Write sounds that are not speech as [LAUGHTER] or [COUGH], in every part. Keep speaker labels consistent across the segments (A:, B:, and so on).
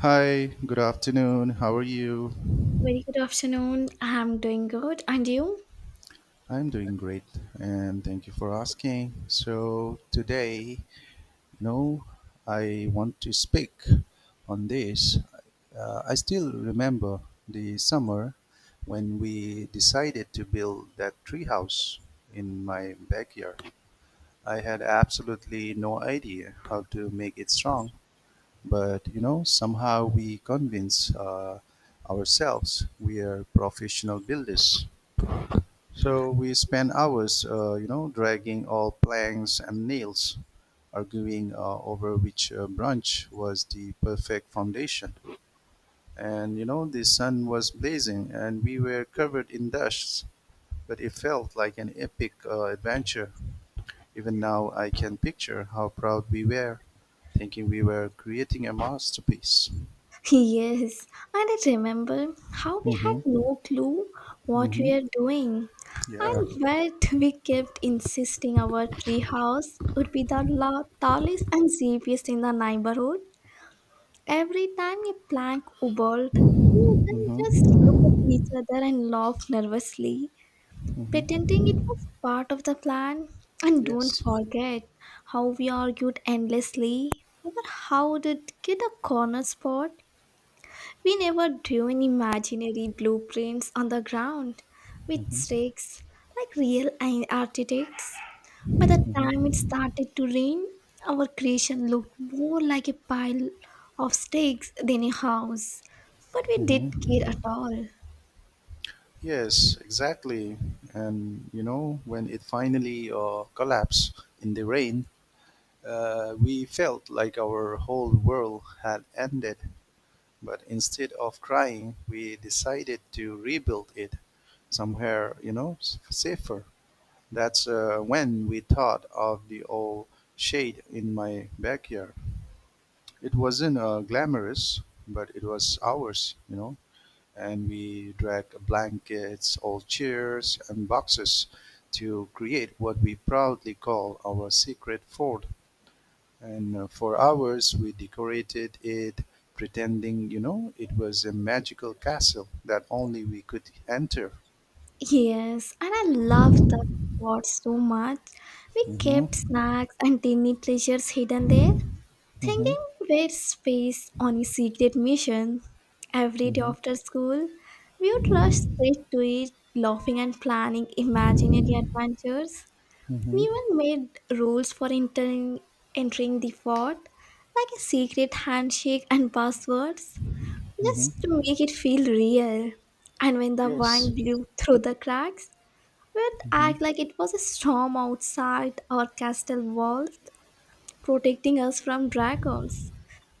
A: Hi, good afternoon. How are you?
B: Very good afternoon. I'm doing good. And you?
A: I'm doing great and thank you for asking. So, today, know, I want to speak on this. I still remember the summer when we decided to build that treehouse in my backyard. I had absolutely no idea how to make it strong, but somehow we convince ourselves we are professional builders. So we spend hours dragging all planks and nails, arguing over which branch was the perfect foundation. And the sun was blazing and we were covered in dust, but it felt like an epic adventure. Even now I can picture how proud we were, thinking we were creating a masterpiece.
B: [LAUGHS] Yes. And I remember how we had
A: Hmm.
B: no clue what
A: Hmm.
B: we are doing.
A: Yeah.
B: And yet we kept insisting our tree house would be the tallest and safest in the neighborhood. Every time a plank wobbled, we would then just
A: Mm-hmm.
B: look at each other and laugh nervously,
A: Mm-hmm.
B: pretending it was part of the plan. And don't
A: Yes.
B: forget how we argued endlessly over how to get a corner spot. We never drew any imaginary blueprints on the ground with
A: Mm-hmm.
B: stakes like real architects. By the time it
A: Mm-hmm.
B: started to rain, our creation looked more like a pile of stakes than a house. But we didn't care at
A: Mm-hmm.
B: all.
A: Yes, exactly. And when it finally collapsed in the rain, we felt like our whole world had ended. But instead of crying, we decided to rebuild it somewhere, safer. That's when we thought of the old shade in my backyard. It wasn't glamorous, but it was ours. And we dragged blankets, old chairs, and boxes to create what we proudly call our secret fort. And for hours, we decorated it, pretending, it was a magical castle that only we could enter.
B: Yes, and I loved the spot so much. We kept
A: Mm-hmm.
B: snacks and tiny treasures hidden there,
A: Mm-hmm.
B: thinking we're space on a secret mission. Every day
A: Mm-hmm.
B: after school, we would rush straight to it, laughing and planning imaginary adventures. We
A: Mm-hmm.
B: even made rules for entering the fort, like a secret handshake and passwords, just to
A: Mm-hmm.
B: make it feel real. And when the
A: Yes.
B: wind blew through the cracks, would
A: Mm-hmm.
B: act like it was a storm outside our castle walls protecting us from dragons.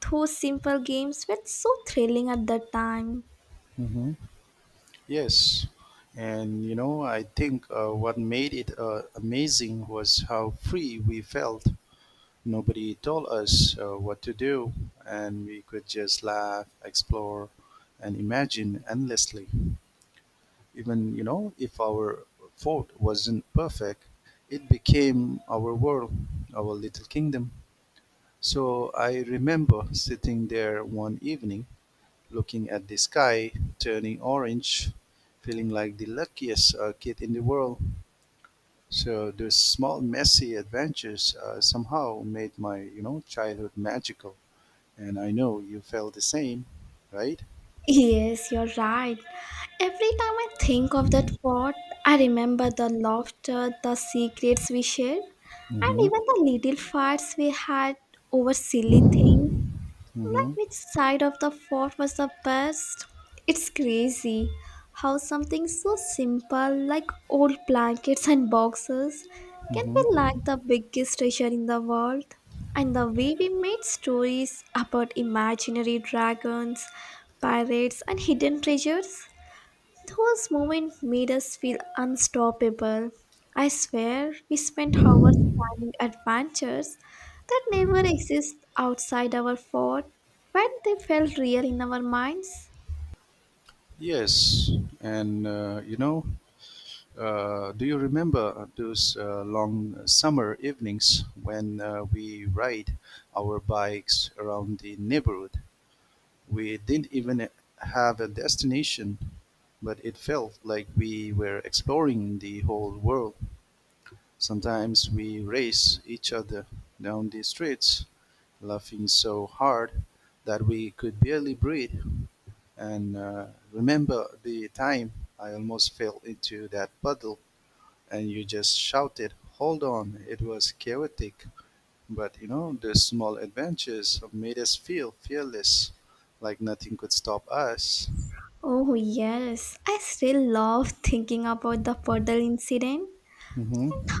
B: Those simple games were so thrilling at that time.
A: Mm-hmm. Yes, and I think what made it amazing was how free we felt. Nobody told us what to do, and we could just laugh, explore, and imagine endlessly. Even, if our fort wasn't perfect, it became our world, our little kingdom. So I remember sitting there one evening looking at the sky turning orange, feeling like the luckiest kid in the world. So those small messy adventures somehow made my childhood magical, and I know you felt the same, right?
B: Yes, you're right. Every time I think of that pot, I remember the laughter, the secrets we shared, and
A: Mm-hmm.
B: even the little fights we had over silly things.
A: Mm-hmm.
B: Like which side of the fort was the best? It's crazy how something so simple like old blankets and boxes can be
A: Mm-hmm.
B: like the biggest treasure in the world. And the way we made stories about imaginary dragons, pirates, and hidden treasures, those moments made us feel unstoppable. I swear, we spent hours planning adventures that never exist outside our fort, but they felt real in our minds.
A: Yes, and do you remember those long summer evenings when we ride our bikes around the neighborhood? We didn't even have a destination, but it felt like we were exploring the whole world. Sometimes we raced each other down the streets, laughing so hard that we could barely breathe. And remember the time I almost fell into that puddle and you just shouted, "Hold on," it was chaotic. But the small adventures made us feel fearless, like nothing could stop us.
B: Oh, yes, I still love thinking about the puddle incident.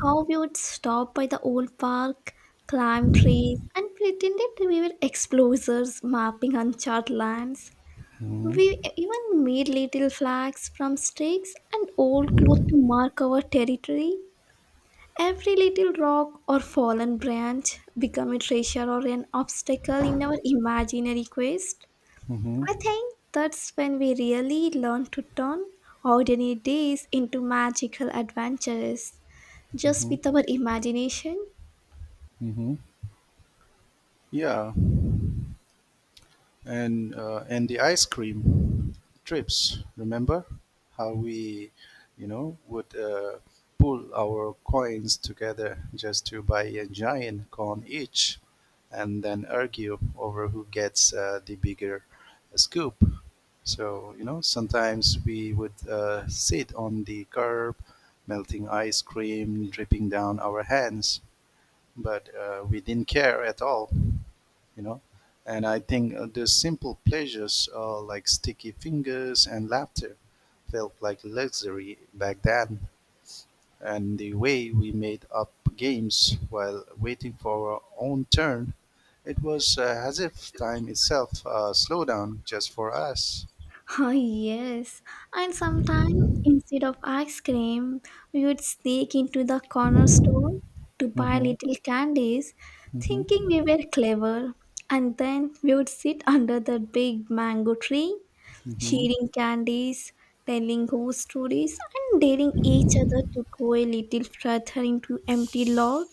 B: How we would stop by the old park, climb trees, and pretended we were explorers mapping uncharted lands.
A: Mhm.
B: We even made little flags from sticks and old clothes to mark our territory. Every little rock or fallen branch became a treasure or an obstacle in our imaginary quest.
A: Mhm.
B: I think that's when we really learn to turn ordinary days into magical adventures just
A: Mhm.
B: with our imagination.
A: Mhm. Yeah, and the ice cream trips. Remember how we, would pull our coins together just to buy a giant cone each, and then argue over who gets the bigger scoop. So sometimes we would sit on the curb, melting ice cream dripping down our hands, but we didn't care at all, you know. And I think the simple pleasures like sticky fingers and laughter felt like luxury back then. And the way we made up games while waiting for our own turn, it was as if time itself slowed down just for us.
B: [LAUGHS] Ah, yes, and sometimes instead of ice cream, we would sneak into the corner store to buy
A: Mm-hmm.
B: little candies, thinking
A: Mm-hmm.
B: we were clever. And then we would sit under the big mango tree,
A: Mm-hmm.
B: sharing candies, telling ghost stories, and daring each other to go a little further into empty lot.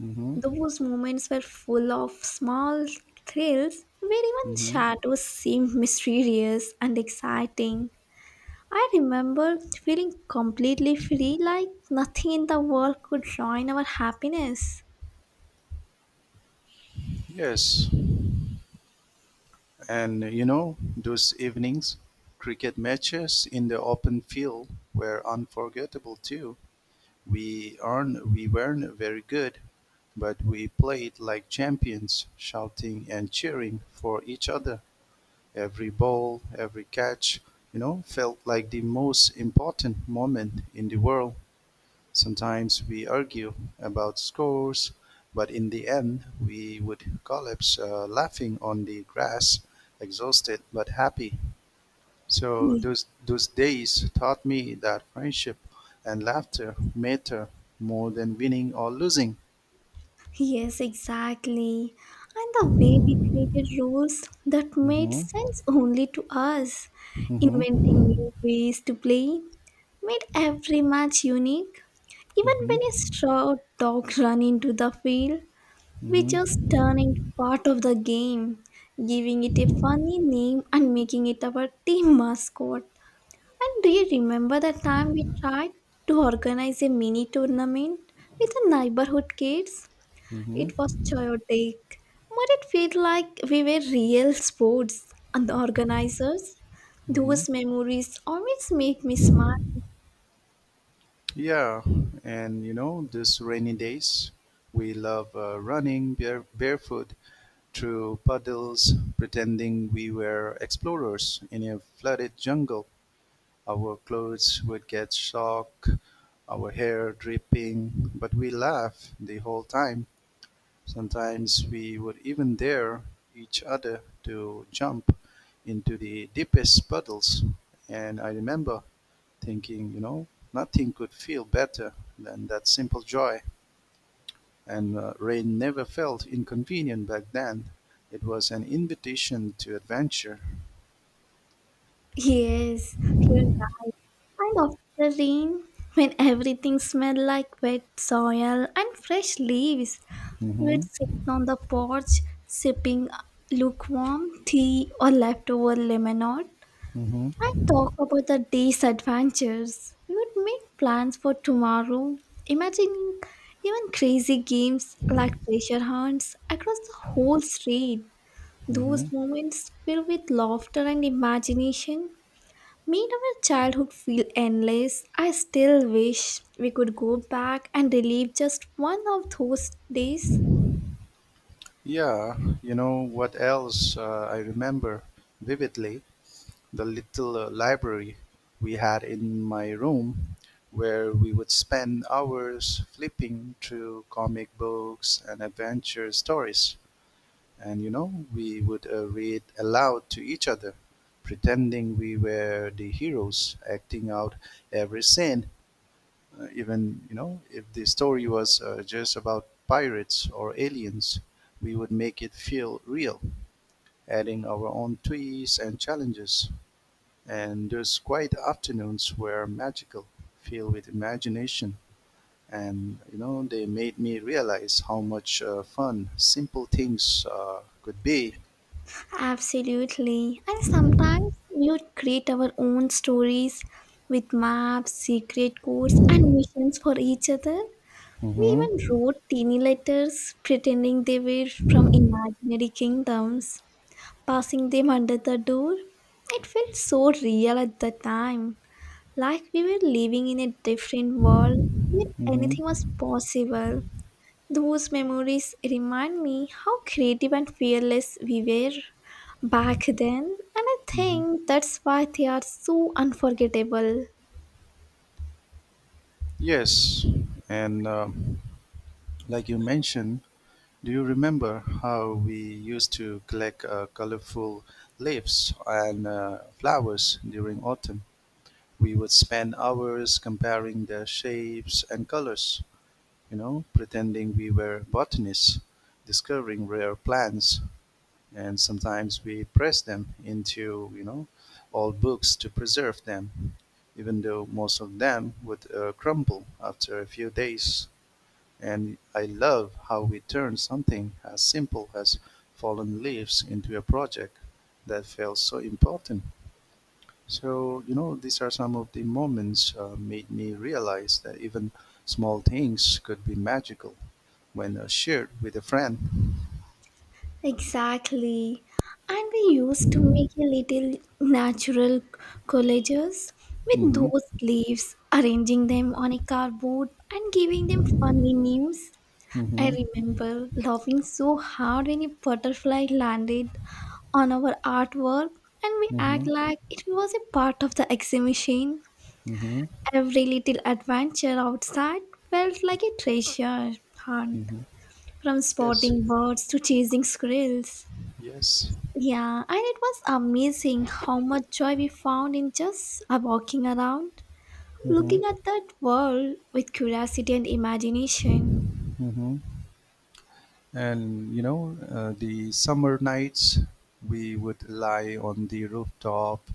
A: Mm-hmm.
B: Those moments were full of small thrills where even
A: Mm-hmm.
B: shadows seemed mysterious and exciting. I remember feeling completely free, like nothing in the world could ruin our happiness.
A: Yes, and those evenings, cricket matches in the open field were unforgettable too. We weren't very good, but we played like champions, shouting and cheering for each other. Every ball, every catch, felt like the most important moment in the world. Sometimes we argue about scores, but in the end, we would collapse laughing on the grass, exhausted but happy. So those days taught me that friendship and laughter matter more than winning or losing.
B: Yes, exactly. And the way we created rules that made
A: Mm-hmm.
B: sense only to us, inventing
A: Mm-hmm.
B: new ways to play, made every match unique. Even when a
A: Mm-hmm.
B: straw or dog run into the field, we just
A: Mm-hmm.
B: turn into part of the game, giving it a funny name and making it our team mascot. And do you remember the time we tried to organize a mini tournament with the neighborhood kids? It was
A: Mm-hmm.
B: chaotic, but it felt like we were real sports and the organizers.
A: Mm-hmm.
B: Those memories always make me smile.
A: Yeah, and these rainy days, we love running barefoot through puddles, pretending we were explorers in a flooded jungle. Our clothes would get soaked, our hair dripping, but we laughed the whole time. Sometimes we would even dare each other to jump into the deepest puddles. And I remember thinking, nothing could feel better than that simple joy. And rain never felt inconvenient back then. It was an invitation to adventure.
B: Yes, you're right. And after the rain, when everything smelled like wet soil and fresh leaves,
A: Hmm.
B: we'd sit on the porch sipping lukewarm tea or leftover lemonade.
A: Hmm.
B: I talk about the day's adventures. We would make plans for tomorrow, imagining even crazy games like treasure hunts across the whole street.
A: Hmm.
B: Those moments filled with laughter and imagination made our childhood feel endless. I still wish we could go back and relive just one of those days.
A: Yeah, you know what else I remember vividly? The little library we had in my room, where we would spend hours flipping through comic books and adventure stories. And we would read aloud to each other, pretending we were the heroes, acting out every scene, even, if the story was just about pirates or aliens, we would make it feel real, adding our own twists and challenges. And those quiet afternoons were magical, filled with imagination. And they made me realize how much fun simple things could be.
B: Absolutely. And sometimes we would create our own stories with maps, secret codes, and missions for each other. We
A: Mm-hmm.
B: even wrote teeny letters pretending they were from imaginary kingdoms, passing them under the door. It felt so real at the time, like we were living in a different world where anything
A: Mm-hmm.
B: was possible. Those memories remind me how creative and fearless we were back then, and I
A: Mm-hmm.
B: think that's why they are so unforgettable.
A: Yes, and like you mentioned, do you remember how we used to collect colorful leaves and flowers during autumn? We would spend hours comparing their shapes and colors, pretending we were botanists discovering rare plants. And sometimes we press them into, old books to preserve them, even though most of them would crumble after a few days. And I love how we turn something as simple as fallen leaves into a project that felt so important. So, these are some of the moments made me realize that even small things could be magical when shared with a friend.
B: Exactly. And we used to make a little natural collages with
A: Mm-hmm.
B: those leaves, arranging them on a cardboard and giving them funny names. I
A: Mm-hmm.
B: remember laughing so hard when a butterfly landed on our artwork, and we act
A: Mm-hmm.
B: like it was a part of the exhibition.
A: Mm-hmm.
B: Every little adventure outside felt like a treasure hunt,
A: Mm-hmm.
B: from
A: Yes.
B: spotting birds to chasing squirrels.
A: Yes.
B: Yeah, and it was amazing how much joy we found in just walking around,
A: Mm-hmm.
B: looking at that world with curiosity and imagination.
A: Mm-hmm. And, the summer nights, we would lie on the rooftop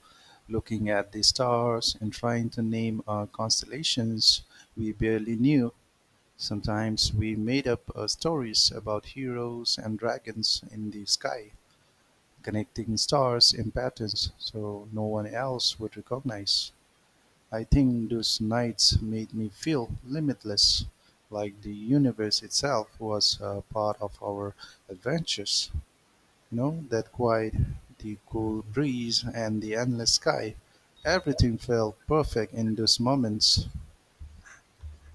A: looking at the stars and trying to name constellations we barely knew. Sometimes we made up stories about heroes and dragons in the sky, connecting stars in patterns so no one else would recognize. I think those nights made me feel limitless, like the universe itself was a part of our adventures. That quiet, the cool breeze, and the endless sky. Everything felt perfect in those moments.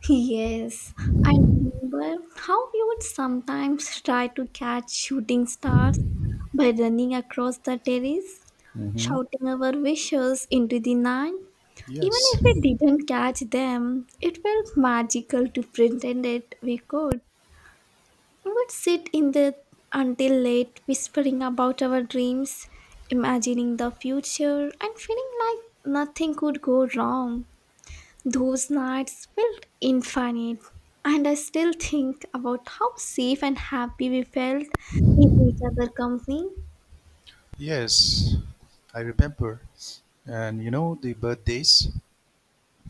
B: Yes, I remember how we would sometimes try to catch shooting stars by running across the terrace,
A: Hmm.
B: shouting our wishes into the night. Even
A: Yes,
B: if we didn't catch them, it felt magical to pretend it we could. We would sit in the until late, whispering about our dreams, imagining the future, and feeling like nothing could go wrong. Those nights felt infinite, and I still think about how safe and happy we felt in each other's company.
A: yes, I remember. And the birthdays,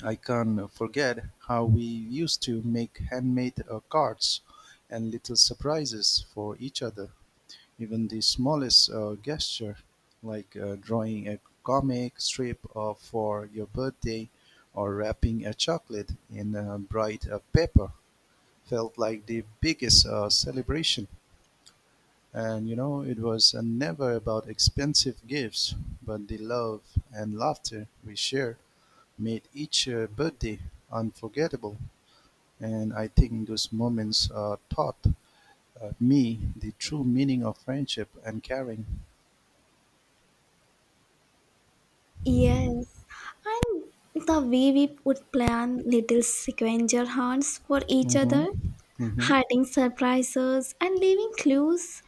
A: I can't forget how we used to make handmade cards and little surprises for each other. Even the smallest gesture, like drawing a comic strip for your birthday, or wrapping a chocolate in bright paper, felt like the biggest celebration. And it was never about expensive gifts, but the love and laughter we shared made each birthday unforgettable. And I think those moments taught me the true meaning of friendship and caring.
B: Yes, and the way we would plan little scavenger hunts for each
A: Mm-hmm.
B: other,
A: Mm-hmm.
B: hiding surprises and leaving clues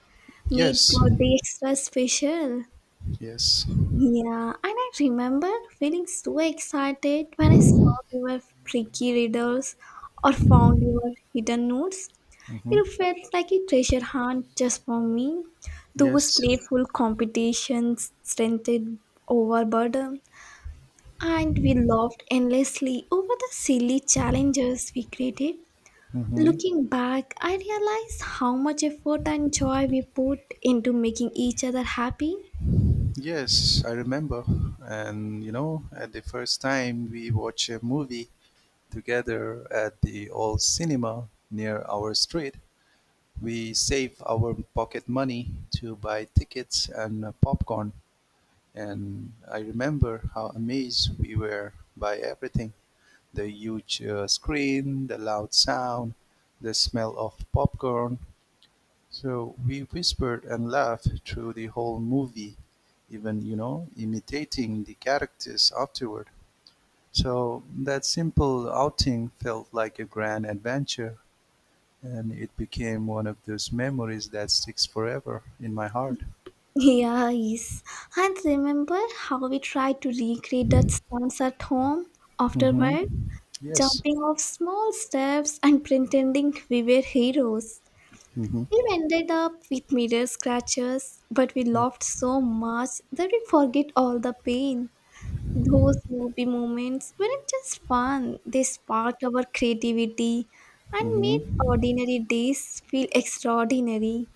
B: made
A: Yes.
B: birthday extra special.
A: Yes.
B: Yeah, and I remember feeling so excited when I saw your tricky riddles or found your hidden notes.
A: Mm-hmm.
B: It felt like a treasure hunt just for me. Those
A: Yes.
B: playful competitions strengthened overburden, and we laughed endlessly over the silly challenges we created.
A: Mm-hmm.
B: Looking back, I realized how much effort and joy we put into making each other happy. [LAUGHS]
A: Yes, I remember. And at the first time we watched a movie together at the old cinema near our street, we saved our pocket money to buy tickets and popcorn. And I remember how amazed we were by everything: the huge screen, the loud sound, the smell of popcorn. So we whispered and laughed through the whole movie, even, imitating the characters afterward. So that simple outing felt like a grand adventure, and it became one of those memories that sticks forever in my heart.
B: Yeah, yes. And remember how we tried to recreate that stunts at home
A: Hmm.
B: afterward,
A: Yes.
B: jumping off small steps and pretending we were heroes.
A: Hmm.
B: We ended up with mirror scratches, but we laughed so much that we forget all the pain. Those movie moments weren't just fun, they sparked our creativity and
A: Hmm.
B: made ordinary days feel extraordinary.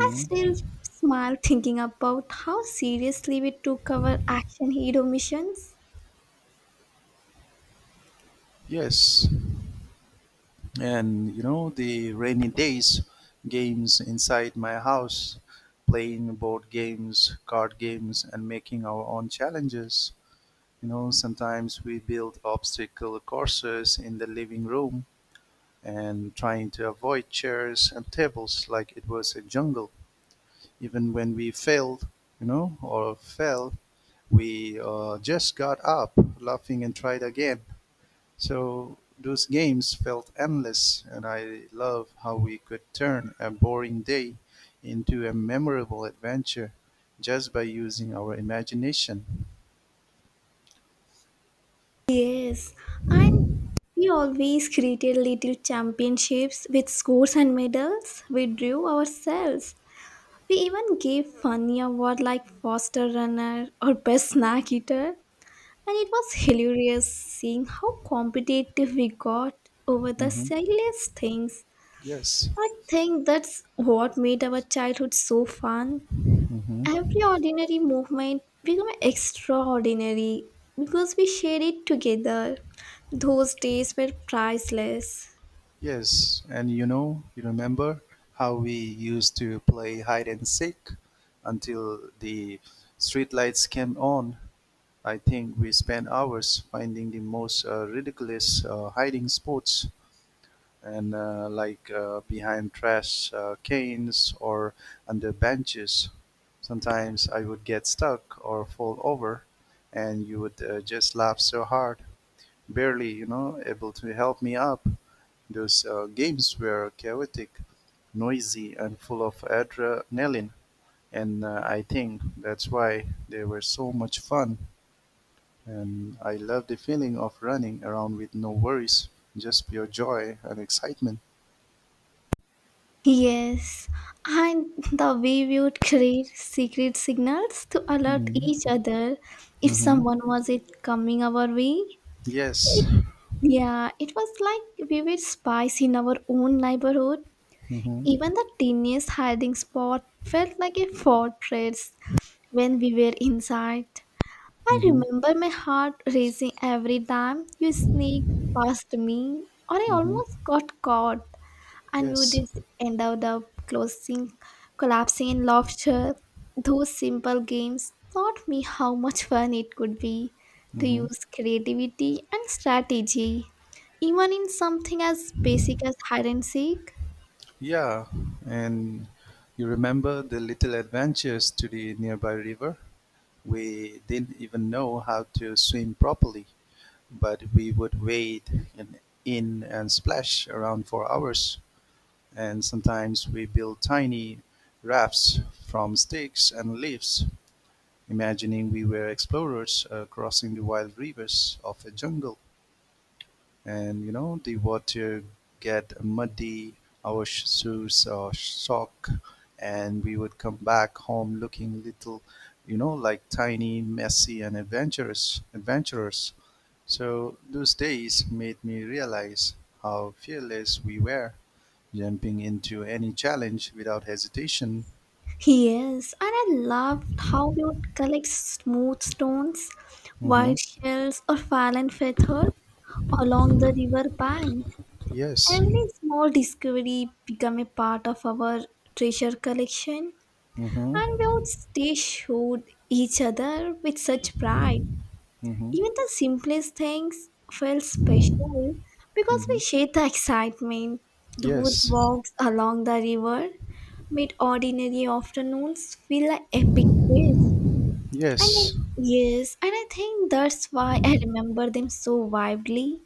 B: I still smile thinking about how seriously we took our action hero missions.
A: Yes, and the rainy days, games inside my house, playing board games, card games, and making our own challenges. Sometimes we build obstacle courses in the living room and trying to avoid chairs and tables like it was a jungle. Even when we failed, or fell, we just got up, laughing, and tried again. So those games felt endless, and I love how we could turn a boring day into a memorable adventure just by using our imagination.
B: Yes, and we always created little championships with scores and medals we drew ourselves. We even gave funny award like faster runner or best snack eater, and it was hilarious seeing how competitive we got over the
A: Hmm.
B: silliest things.
A: Yes.
B: I think that's what made our childhood so fun.
A: Hmm.
B: Every ordinary movement became extraordinary because we shared it together. Those days were priceless.
A: Yes, and you remember how we used to play hide and seek until the streetlights came on. I think we spent hours finding the most ridiculous hiding spots. And like behind trash cans or under benches. Sometimes I would get stuck or fall over, and you would just laugh so hard, barely, able to help me up. Those games were chaotic, noisy, and full of adrenaline, and I think that's why they were so much fun. And I love the feeling of running around with no worries, just pure joy and excitement.
B: Yes, and the way we would create secret signals to alert
A: Mhm.
B: each other if
A: Mhm.
B: someone was it coming our way.
A: Yes.
B: Yeah, it was like we were spies in our own neighborhood.
A: Mhm.
B: Even the tiniest hiding spot felt like a fortress when we were inside. I
A: Mhm.
B: remember my heart racing every time you sneaked past me, or I
A: Mhm.
B: almost got caught and we
A: Yes.
B: did end up the closing collapsing in laughter. Those simple games taught me how much fun it could be to
A: Mhm.
B: use creativity and strategy, even in something as basic as hide and seek.
A: Yeah. And you remember the little adventures to the nearby river? We didn't even know how to swim properly, but we would wade in and splash around for hours. And sometimes we built tiny rafts from sticks and leaves, imagining we were explorers crossing the wild rivers of a jungle. And you know the water get muddy, our shoes are sock, and we would come back home looking little, you know, like tiny messy and adventurous adventurers. So those days made me realize how fearless we were, jumping into any challenge without hesitation.
B: Yes, and I loved how we would collect smooth stones,
A: Mm-hmm.
B: white shells, or fallen feathers along the river bank.
A: Yes.
B: Every small discovery became a part of our treasure collection, and we
A: Mm-hmm.
B: would stay shoot each other with such pride.
A: Mm-hmm.
B: Even the simplest things felt special because we
A: Mm-hmm.
B: shared the excitement. Those
A: Yes.
B: walks along the river made ordinary afternoons feel like epic quest. And
A: Yes.
B: I, yes, and I think that's why I remember them so vividly.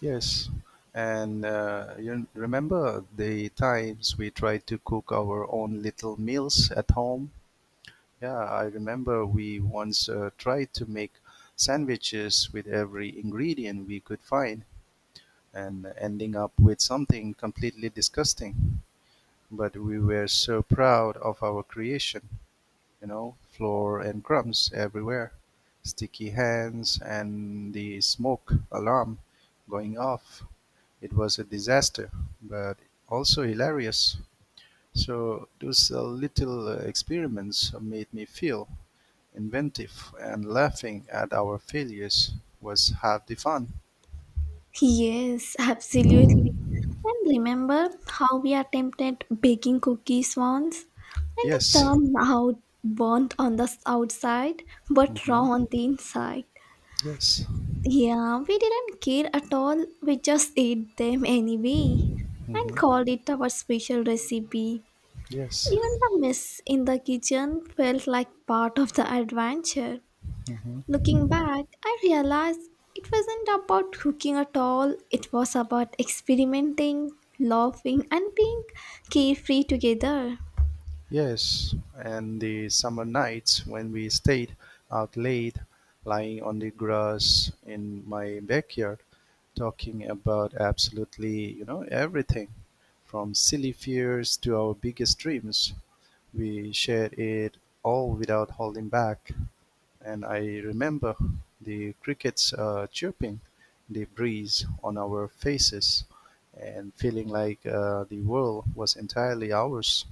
A: Yes, and you remember the times we tried to cook our own little meals at home? Yeah, I remember we once tried to make sandwiches with every ingredient we could find and ending up with something completely disgusting. But we were so proud of our creation, you know, flour and crumbs everywhere, sticky hands, and the smoke alarm going off. It was a disaster, but also hilarious. So those little experiments made me feel inventive, and laughing at our failures was half the fun.
B: Yes, absolutely. And remember how we attempted baking cookies once and they
A: Yes.
B: turned out burnt on the outside but raw
A: Hmm.
B: on the inside.
A: Yes.
B: Yeah, we didn't care at all. We just ate them anyway and
A: Hmm.
B: called it our special recipe.
A: Yes.
B: Even the mess in the kitchen felt like part of the adventure.
A: Hmm.
B: Looking back, I realized it wasn't about cooking at all, it was about experimenting, laughing, and being carefree together.
A: Yes, and the summer nights when we stayed out late, lying on the grass in my backyard, talking about absolutely, you know, everything from silly fears to our biggest dreams. We shared it all without holding back. And I remember the crickets chirping, the breeze on our faces, and feeling like the world was entirely ours.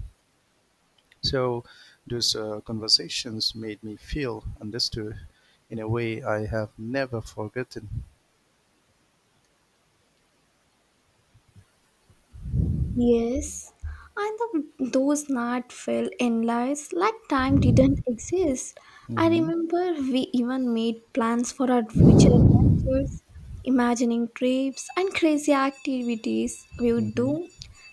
A: So those conversations made me feel understood in a way I have never forgotten.
B: Yes, and those nights felt endless, like time didn't exist. I
A: Hmm.
B: remember we even made plans for our future adventures, imagining trips and crazy activities we would
A: Hmm.
B: do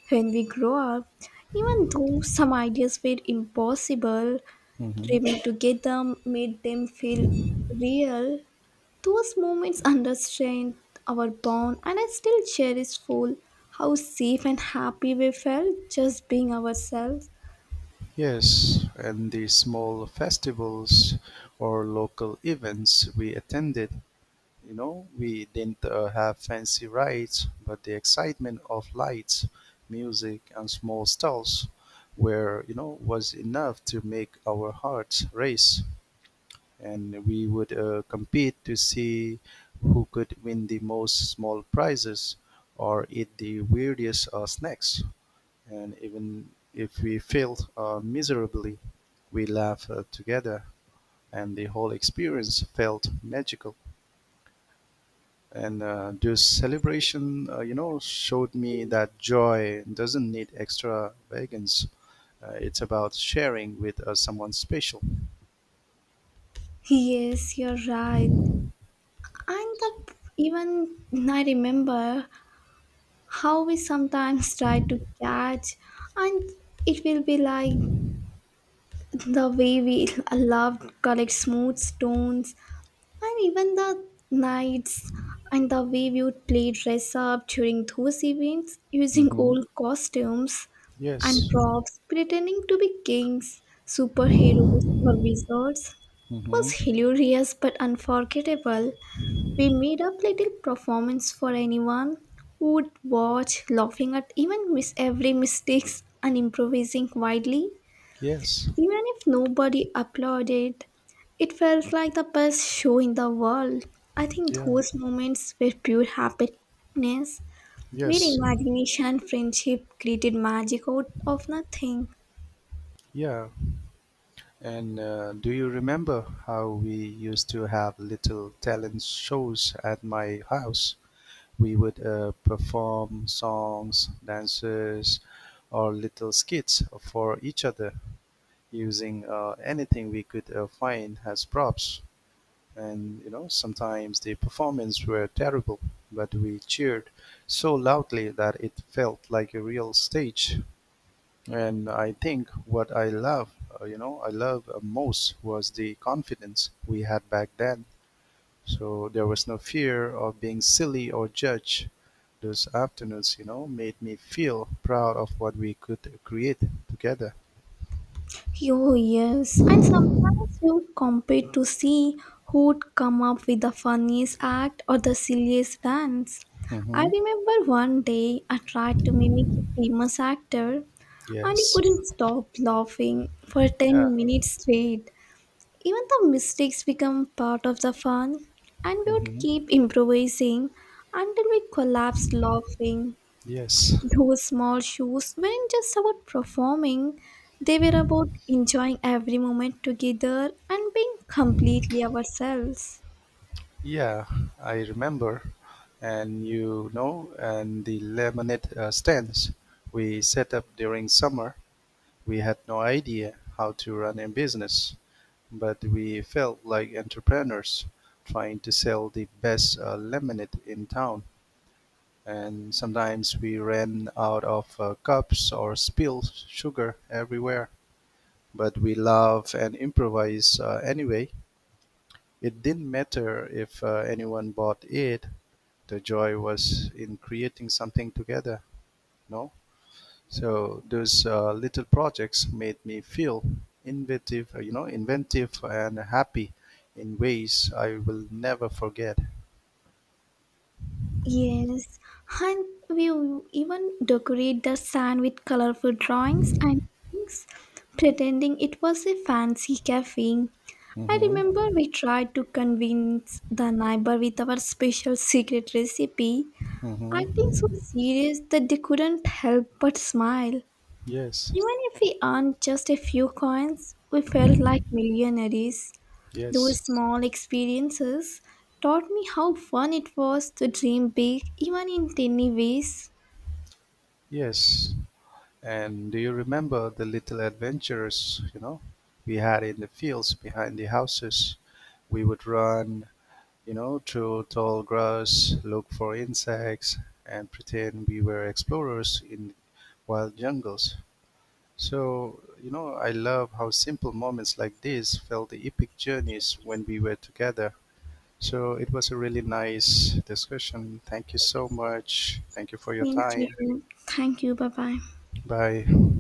B: when we grow up. Even though some ideas were impossible,
A: Hmm.
B: dreaming together made them feel real. Those moments understand our bond, and I still cherish full how safe and happy we felt just being ourselves.
A: Yes, and the small festivals or local events we attended, you know, we didn't have fancy rides, but the excitement of lights, music, and small stalls were, you know, was enough to make our hearts race. And we would compete to see who could win the most small prizes or eat the weirdest snacks. And even if we failed miserably, we laughed together, and the whole experience felt magical. And this celebration, you know, showed me that joy doesn't need extravagance. It's about sharing with someone special.
B: Yes, you're right. And even I remember how we sometimes try to catch, and it will be like the way we love collect smooth stones, and even the nights, and the way we would play dress up during those events using
A: Hmm.
B: old costumes and
A: Yes.
B: props, pretending to be kings, superheroes, or wizards. It was
A: Hmm.
B: hilarious but unforgettable. We made up little performance for anyone who would watch, laughing at even miss every mistakes and improvising wildly.
A: Yes.
B: Even if nobody applauded, it felt like the best show in the world. I think
A: Yeah,
B: those moments were pure happiness, where
A: yes,
B: imagination and friendship created magic out of nothing.
A: yeah. And do you remember how we used to have little talent shows at my house? We would perform songs, dances, or little skits for each other using anything we could find as props. And you know, sometimes the performance were terrible, but we cheered so loudly that it felt like a real stage. And I think what I love, you know, I love most was the confidence we had back then. So there was no fear of being silly or judged. Those afternoons, you know, made me feel proud of what we could create together.
B: Oh, yes. And sometimes we would compete to see who would come up with the funniest act or the silliest dance. I
A: Mm-hmm.
B: remember one day I tried to mimic a famous actor and you
A: Yes.
B: couldn't stop laughing for
A: Yeah.
B: 10 minutes straight. Even the mistakes become part of the fun, and we would
A: Mm-hmm.
B: keep improvising until we collapsed laughing.
A: Yes.
B: Those small shows weren't just about performing, they were about enjoying every moment together and being completely ourselves.
A: Yeah, I remember. And you know, and the lemonade stands we set up during summer. We had no idea how to run a business, but we felt like entrepreneurs trying to sell the best lemonade in town. And sometimes we ran out of cups or spilled sugar everywhere. But we love and improvise anyway. It didn't matter if anyone bought it. The joy was in creating something together, no? So those little projects made me feel inventive, you know, inventive and happy in ways I will never forget.
B: Yes, and we even decorate the sand with colorful drawings and things, pretending it was a fancy cafe. I
A: Mm-hmm.
B: remember we tried to convince the neighbor with our special secret recipe, acting
A: Mm-hmm.
B: so serious that they couldn't help but smile.
A: Yes.
B: Even if we earned just a few coins, we felt like millionaires. Those
A: Yes.
B: small experiences taught me how fun it was to dream big, even in tiny ways.
A: Yes. And do you remember the little adventures, you know, we had in the fields behind the houses? We would run, you know, through tall grass, look for insects, and pretend we were explorers in wild jungles. So, you know, I love how simple moments like this felt the epic journeys when we were together. So, it was a really nice discussion. Thank you so much. Thank you for your
B: Same to
A: time.
B: you. Thank you. Bye bye.
A: Bye.